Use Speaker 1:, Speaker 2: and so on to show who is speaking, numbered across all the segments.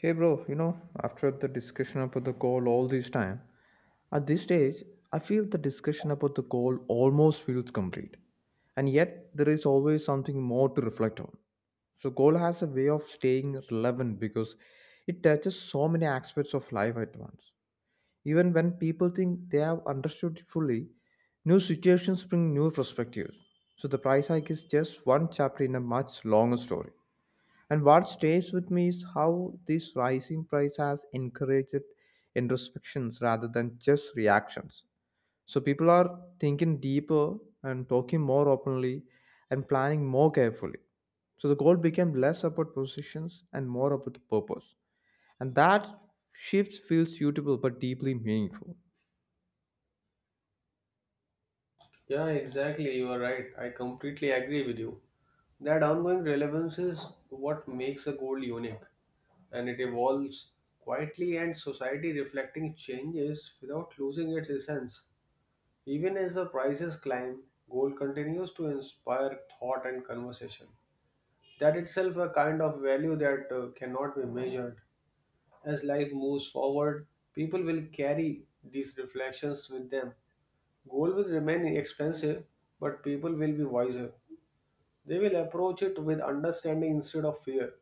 Speaker 1: Hey bro, you know, after the discussion about the goal all this time, at this stage, I feel the discussion about the goal almost feels complete. And yet, there is always something more to reflect on. So, goal has a way of staying relevant because it touches so many aspects of life at once. Even when people think they have understood it fully, new situations bring new perspectives. So, the price hike is just one chapter in a much longer story. And what stays with me is how this rising price has encouraged introspections rather than just reactions. So people are thinking deeper and talking more openly and planning more carefully. So the goal became less about positions and more about purpose. And that shift feels suitable but deeply meaningful.
Speaker 2: Yeah, exactly. You are right. I completely agree with you. That ongoing relevance is what makes a goal unique, and it evolves quietly and society reflecting changes without losing its essence. Even as the prices climb, gold continues to inspire thought and conversation. That itself a kind of value that cannot be measured. As life moves forward, people will carry these reflections with them. Gold will remain expensive, but people will be wiser. They will approach it with understanding instead of fear,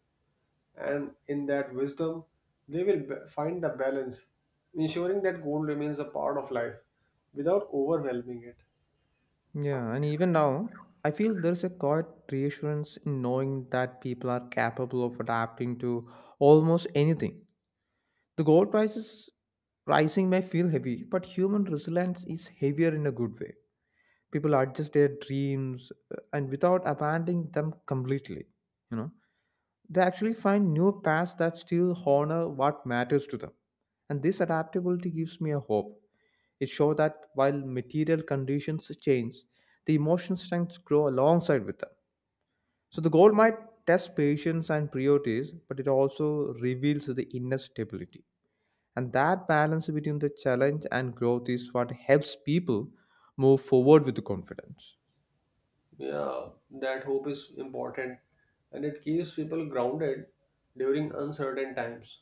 Speaker 2: and in that wisdom, find the balance, ensuring that goal remains a part of life without overwhelming it.
Speaker 1: Yeah, and even now, I feel there's a quiet reassurance in knowing that people are capable of adapting to almost anything. The gold prices rising may feel heavy, but human resilience is heavier in a good way. People adjust their dreams and without abandoning them completely. You know, they actually find new paths that still honor what matters to them. And this adaptability gives me a hope. It shows that while material conditions change, the emotional strengths grow alongside with them. So the goal might test patience and priorities, but it also reveals the inner stability. And that balance between the challenge and growth is what helps people move forward with confidence.
Speaker 2: Yeah, that hope is important and it keeps people grounded during uncertain times.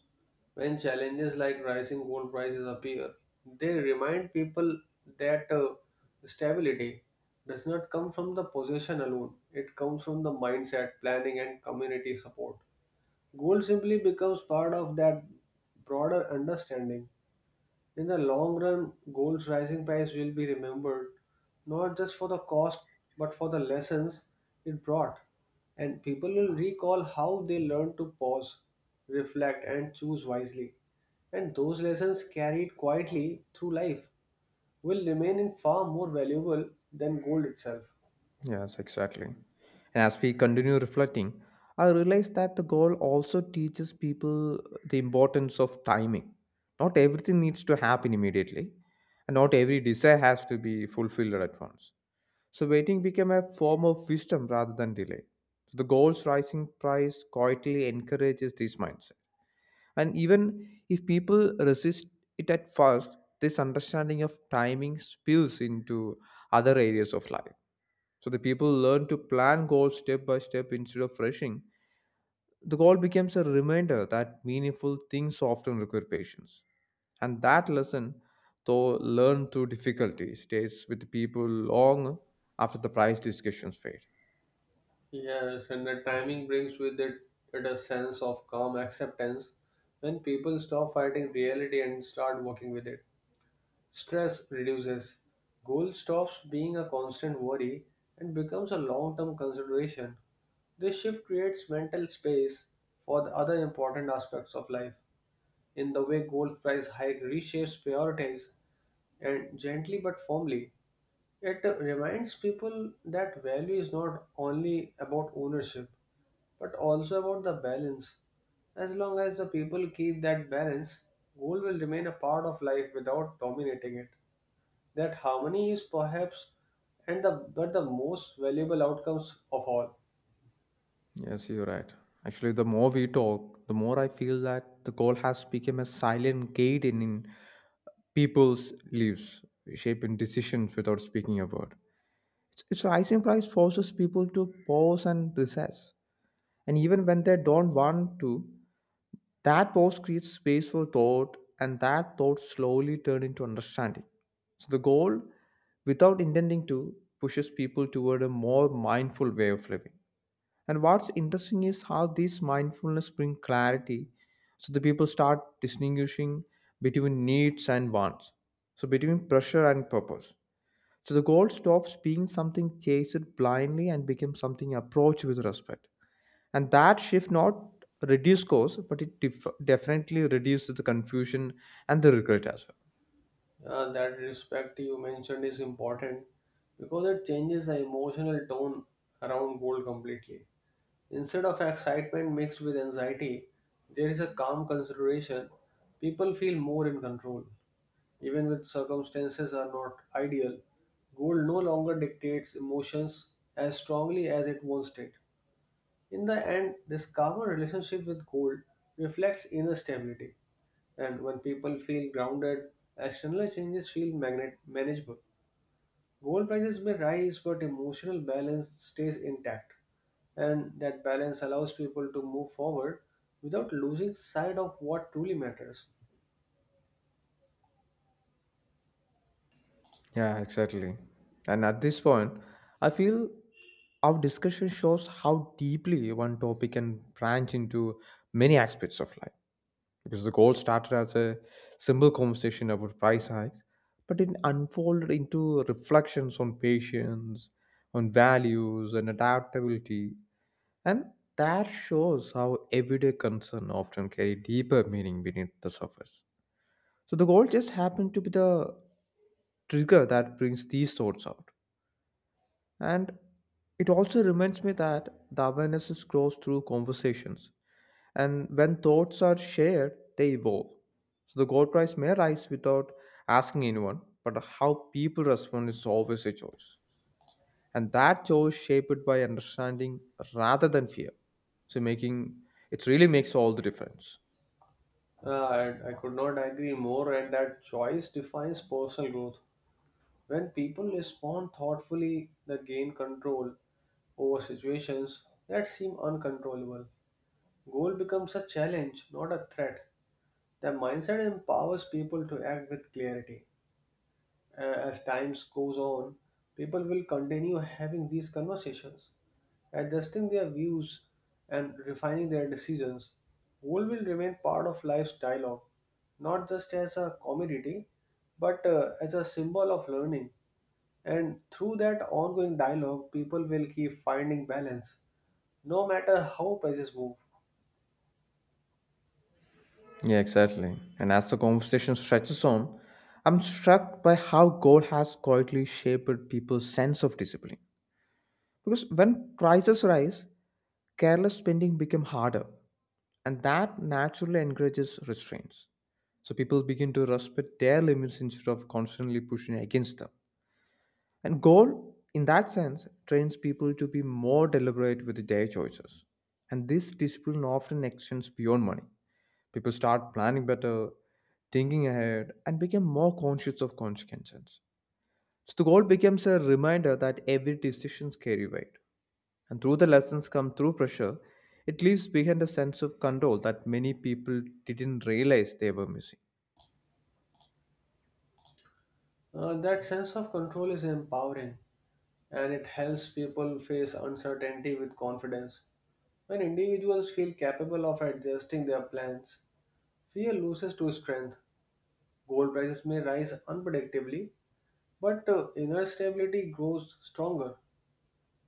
Speaker 2: When challenges like rising gold prices appear, they remind people that stability does not come from the possession alone, it comes from the mindset, planning, and community support. Gold simply becomes part of that broader understanding. In the long run, gold's rising price will be remembered not just for the cost but for the lessons it brought. And people will recall how they learned to pause, reflect, and choose wisely. And those lessons carried quietly through life will remain in far more valuable than gold itself.
Speaker 1: Yes, exactly. And as we continue reflecting, I realize that the goal also teaches people the importance of timing. Not everything needs to happen immediately, and not every desire has to be fulfilled at once. So waiting became a form of wisdom rather than delay. So the goal's rising price quietly encourages this mindset. And even if people resist it at first, this understanding of timing spills into other areas of life. So the people learn to plan goals step by step instead of rushing. The goal becomes a reminder that meaningful things often require patience. And that lesson, though learned through difficulty, stays with the people long after the price discussions fade.
Speaker 2: Yes, and the timing brings with it a sense of calm acceptance when people stop fighting reality and start working with it. Stress reduces, goal stops being a constant worry and becomes a long term consideration. This shift creates mental space for the other important aspects of life. In the way gold price hike reshapes priorities and gently but firmly, it reminds people that value is not only about ownership but also about the balance. As long as the people keep that balance, gold will remain a part of life without dominating it that harmony is perhaps and the but the most valuable outcomes of all.
Speaker 1: Yes, you're right. Actually, the more we talk, the more I feel that the goal has become a silent guide in people's lives, shaping decisions without speaking a word. Its like rising price forces people to pause and recess. And even when they don't want to, that pause creates space for thought, and that thought slowly turns into understanding. So the goal, without intending to, pushes people toward a more mindful way of living. And what's interesting is how these mindfulness bring clarity. So the people start distinguishing between needs and wants. So between pressure and purpose. So the goal stops being something chased blindly and becomes something approached with respect. And that shift not reduce cost, but it definitely reduces the confusion and the regret as well.
Speaker 2: That respect you mentioned is important because it changes the emotional tone around gold completely. Instead of excitement mixed with anxiety, there is a calm consideration. People feel more in control, even when circumstances are not ideal. Gold no longer dictates emotions as strongly as it once did. In the end, this calmer relationship with gold reflects inner stability, and when people feel grounded, external changes feel manageable. Gold prices may rise, but emotional balance stays intact, and that balance allows people to move forward without losing sight of what truly matters.
Speaker 1: Yeah, exactly. And at this point, I feel our discussion shows how deeply one topic can branch into many aspects of life. Because the goal started as a simple conversation about price hikes, but it unfolded into reflections on patience, on values, and adaptability. And that shows how everyday concern often carry deeper meaning beneath the surface. So the goal just happened to be the trigger that brings these thoughts out. And it also reminds me that the awareness is grows through conversations, and when thoughts are shared, they evolve. So the gold price may rise without asking anyone, but how people respond is always a choice. And that choice shaped by understanding rather than fear. So making it really makes all the difference.
Speaker 2: I could not agree more, and that choice defines personal growth. When people respond thoughtfully, they gain control over situations that seem uncontrollable. Goal becomes a challenge, not a threat. The mindset empowers people to act with clarity. As time goes on, people will continue having these conversations, adjusting their views and refining their decisions. Goal will remain part of life's dialogue, not just as a commodity, but as a symbol of learning. And through that ongoing dialogue, people will keep finding balance, no matter how prices move.
Speaker 1: Yeah, exactly. And as the conversation stretches on, I'm struck by how gold has quietly shaped people's sense of discipline. Because when prices rise, careless spending becomes harder, and that naturally encourages restraints. So people begin to respect their limits instead of constantly pushing against them. And goal, in that sense, trains people to be more deliberate with their choices. And this discipline often extends beyond money. People start planning better, thinking ahead, and become more conscious of consequences. So the goal becomes a reminder that every decision carry weight. And though the lessons come through pressure, it leaves behind a sense of control that many people didn't realize they were missing.
Speaker 2: That sense of control is empowering and it helps people face uncertainty with confidence. When individuals feel capable of adjusting their plans, fear loses to strength. Gold prices may rise unpredictably, but inner stability grows stronger.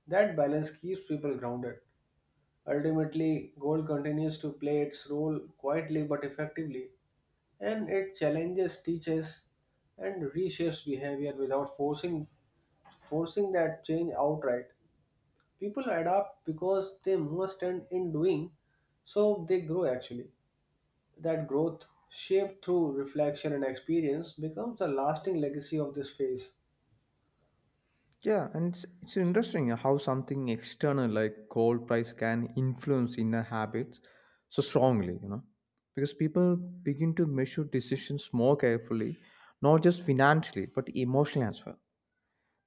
Speaker 2: That balance keeps people grounded. Ultimately, gold continues to play its role quietly but effectively and it challenges teachers and reshapes behavior without forcing that change outright. People adapt because they must and in doing, so they grow actually. That growth, shaped through reflection and experience, becomes a lasting legacy of this phase.
Speaker 1: Yeah, and it's interesting how something external like gold price can influence inner habits so strongly, you know, because people begin to measure decisions more carefully, not just financially, but emotionally as well.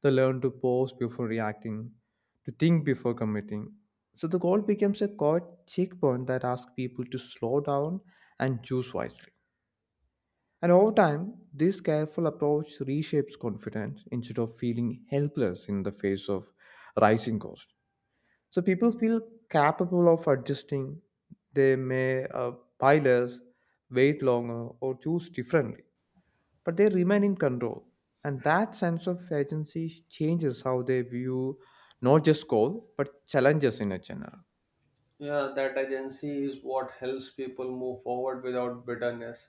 Speaker 1: They learn to pause before reacting, to think before committing. So the goal becomes a core checkpoint that asks people to slow down and choose wisely. And over time, this careful approach reshapes confidence instead of feeling helpless in the face of rising costs. So people feel capable of adjusting. They may buy less, wait longer, or choose differently but they remain in control. And that sense of agency changes how they view not just goal, but challenges in a general.
Speaker 2: Yeah, that agency is what helps people move forward without bitterness.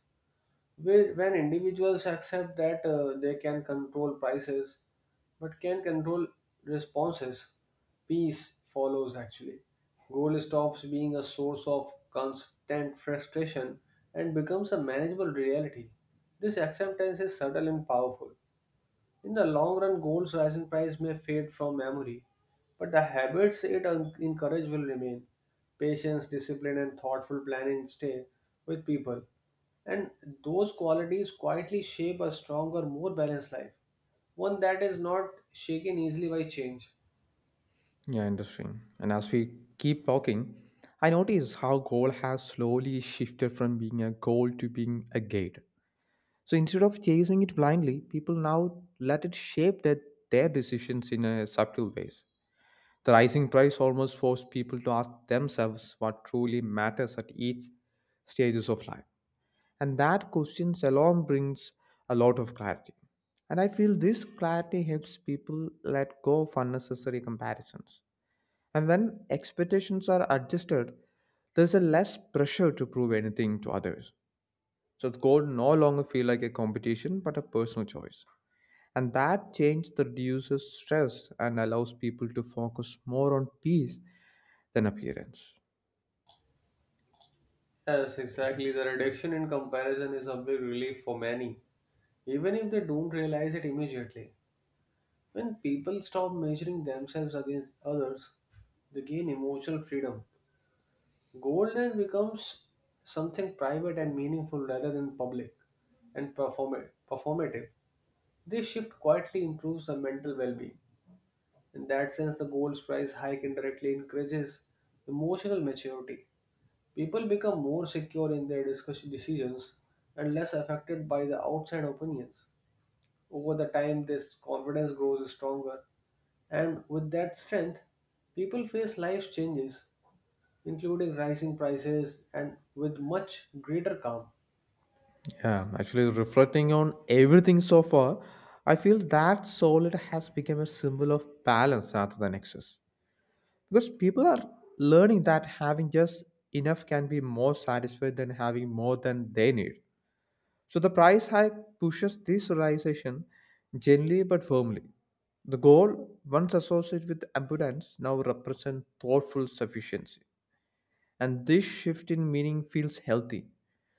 Speaker 2: Where, when individuals accept that they can control prices but can control responses, peace follows actually. Goal stops being a source of constant frustration and becomes a manageable reality. This acceptance is subtle and powerful. In the long run, goals, rising price may fade from memory, but the habits encourages will remain. Patience, discipline, and thoughtful planning stay with people. And those qualities quietly shape a stronger, more balanced life, one that is not shaken easily by change.
Speaker 1: Yeah, interesting. And as we keep talking, I notice how goal has slowly shifted from being a goal to being a gate. So instead of chasing it blindly, people now let it shape their decisions in a subtle ways. The rising price almost forced people to ask themselves what truly matters at each stages of life. And that question alone brings a lot of clarity. And I feel this clarity helps people let go of unnecessary comparisons. And when expectations are adjusted, there's a less pressure to prove anything to others. So the goal no longer feel like a competition but a personal choice. And that change that reduces stress and allows people to focus more on peace than appearance.
Speaker 2: Yes, exactly. The reduction in comparison is a big relief for many, even if they don't realize it immediately. When people stop measuring themselves against others, they gain emotional freedom. Goal then becomes something private and meaningful rather than public and performative. This shift quietly improves the mental well being. In that sense, the gold's price hike indirectly encourages emotional maturity. People become more secure in their discussion decisions and less affected by the outside opinions. Over the time, this confidence grows stronger, and with that strength, people face life's changes, including rising prices, and with much greater calm.
Speaker 1: Yeah, actually, reflecting on everything so far, I feel that solid has become a symbol of balance rather than excess. Because people are learning that having just enough can be more satisfied than having more than they need. So the price hike pushes this realization gently but firmly. The goal, once associated with abundance, now represents thoughtful sufficiency. And this shift in meaning feels healthy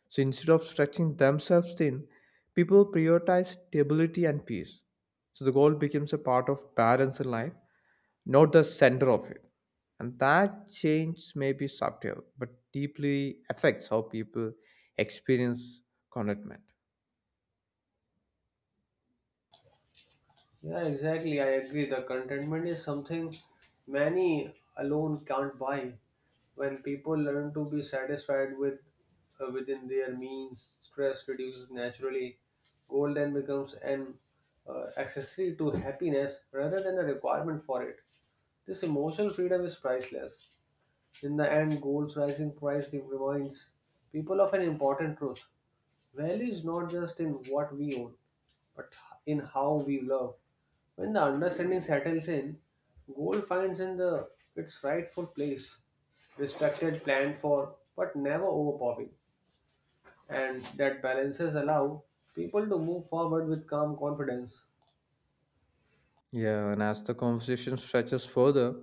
Speaker 1: so instead of stretching themselves thin, people prioritize stability and peace. So the goal becomes a part of balance in life, not the center of it. And that change may be subtle, but deeply affects how people experience contentment.
Speaker 2: Yeah, exactly. I agree. The contentment is something many alone can't buy. When people learn to be satisfied with within their means, stress reduces naturally. Goal then becomes an accessory to happiness rather than a requirement for it. This emotional freedom is priceless. In the end, gold's rising price reminds people of an important truth: value is not just in what we own, but in how we love when the understanding settles in, gold finds in the its rightful place, respected, planned for, but never overpowering, and that balances allow people to move forward with calm confidence.
Speaker 1: Yeah, and as the conversation stretches further,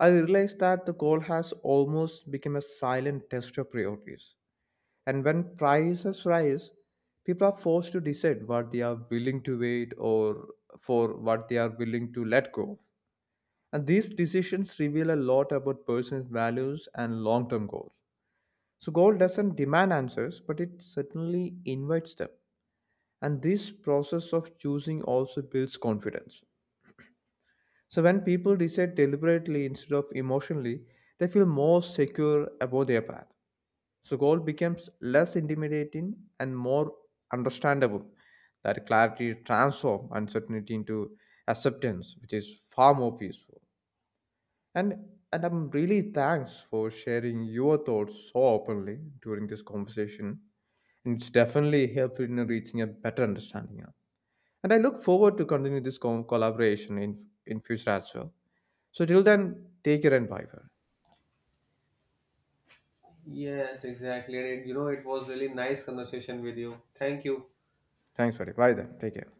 Speaker 1: I realize that the goal has almost become a silent test of priorities. And when prices rise, people are forced to decide what they are willing to wait or for what they are willing to let go of. And these decisions reveal a lot about person's values and long term goals. So, gold doesn't demand answers, but it certainly invites them. And this process of choosing also builds confidence. So, when people decide deliberately instead of emotionally, they feel more secure about their path. So goal becomes less intimidating and more understandable. That clarity transforms uncertainty into acceptance, which is far more peaceful. And and I'm really thanks for sharing your thoughts so openly during this conversation. And it's definitely helpful in reaching a better understanding now. And I look forward to continue this collaboration in future as well. So till then, take care and bye bye.
Speaker 2: Yes, exactly. And you know, it was really nice conversation with you. Thank you.
Speaker 1: Thanks for it. Bye then. Take care.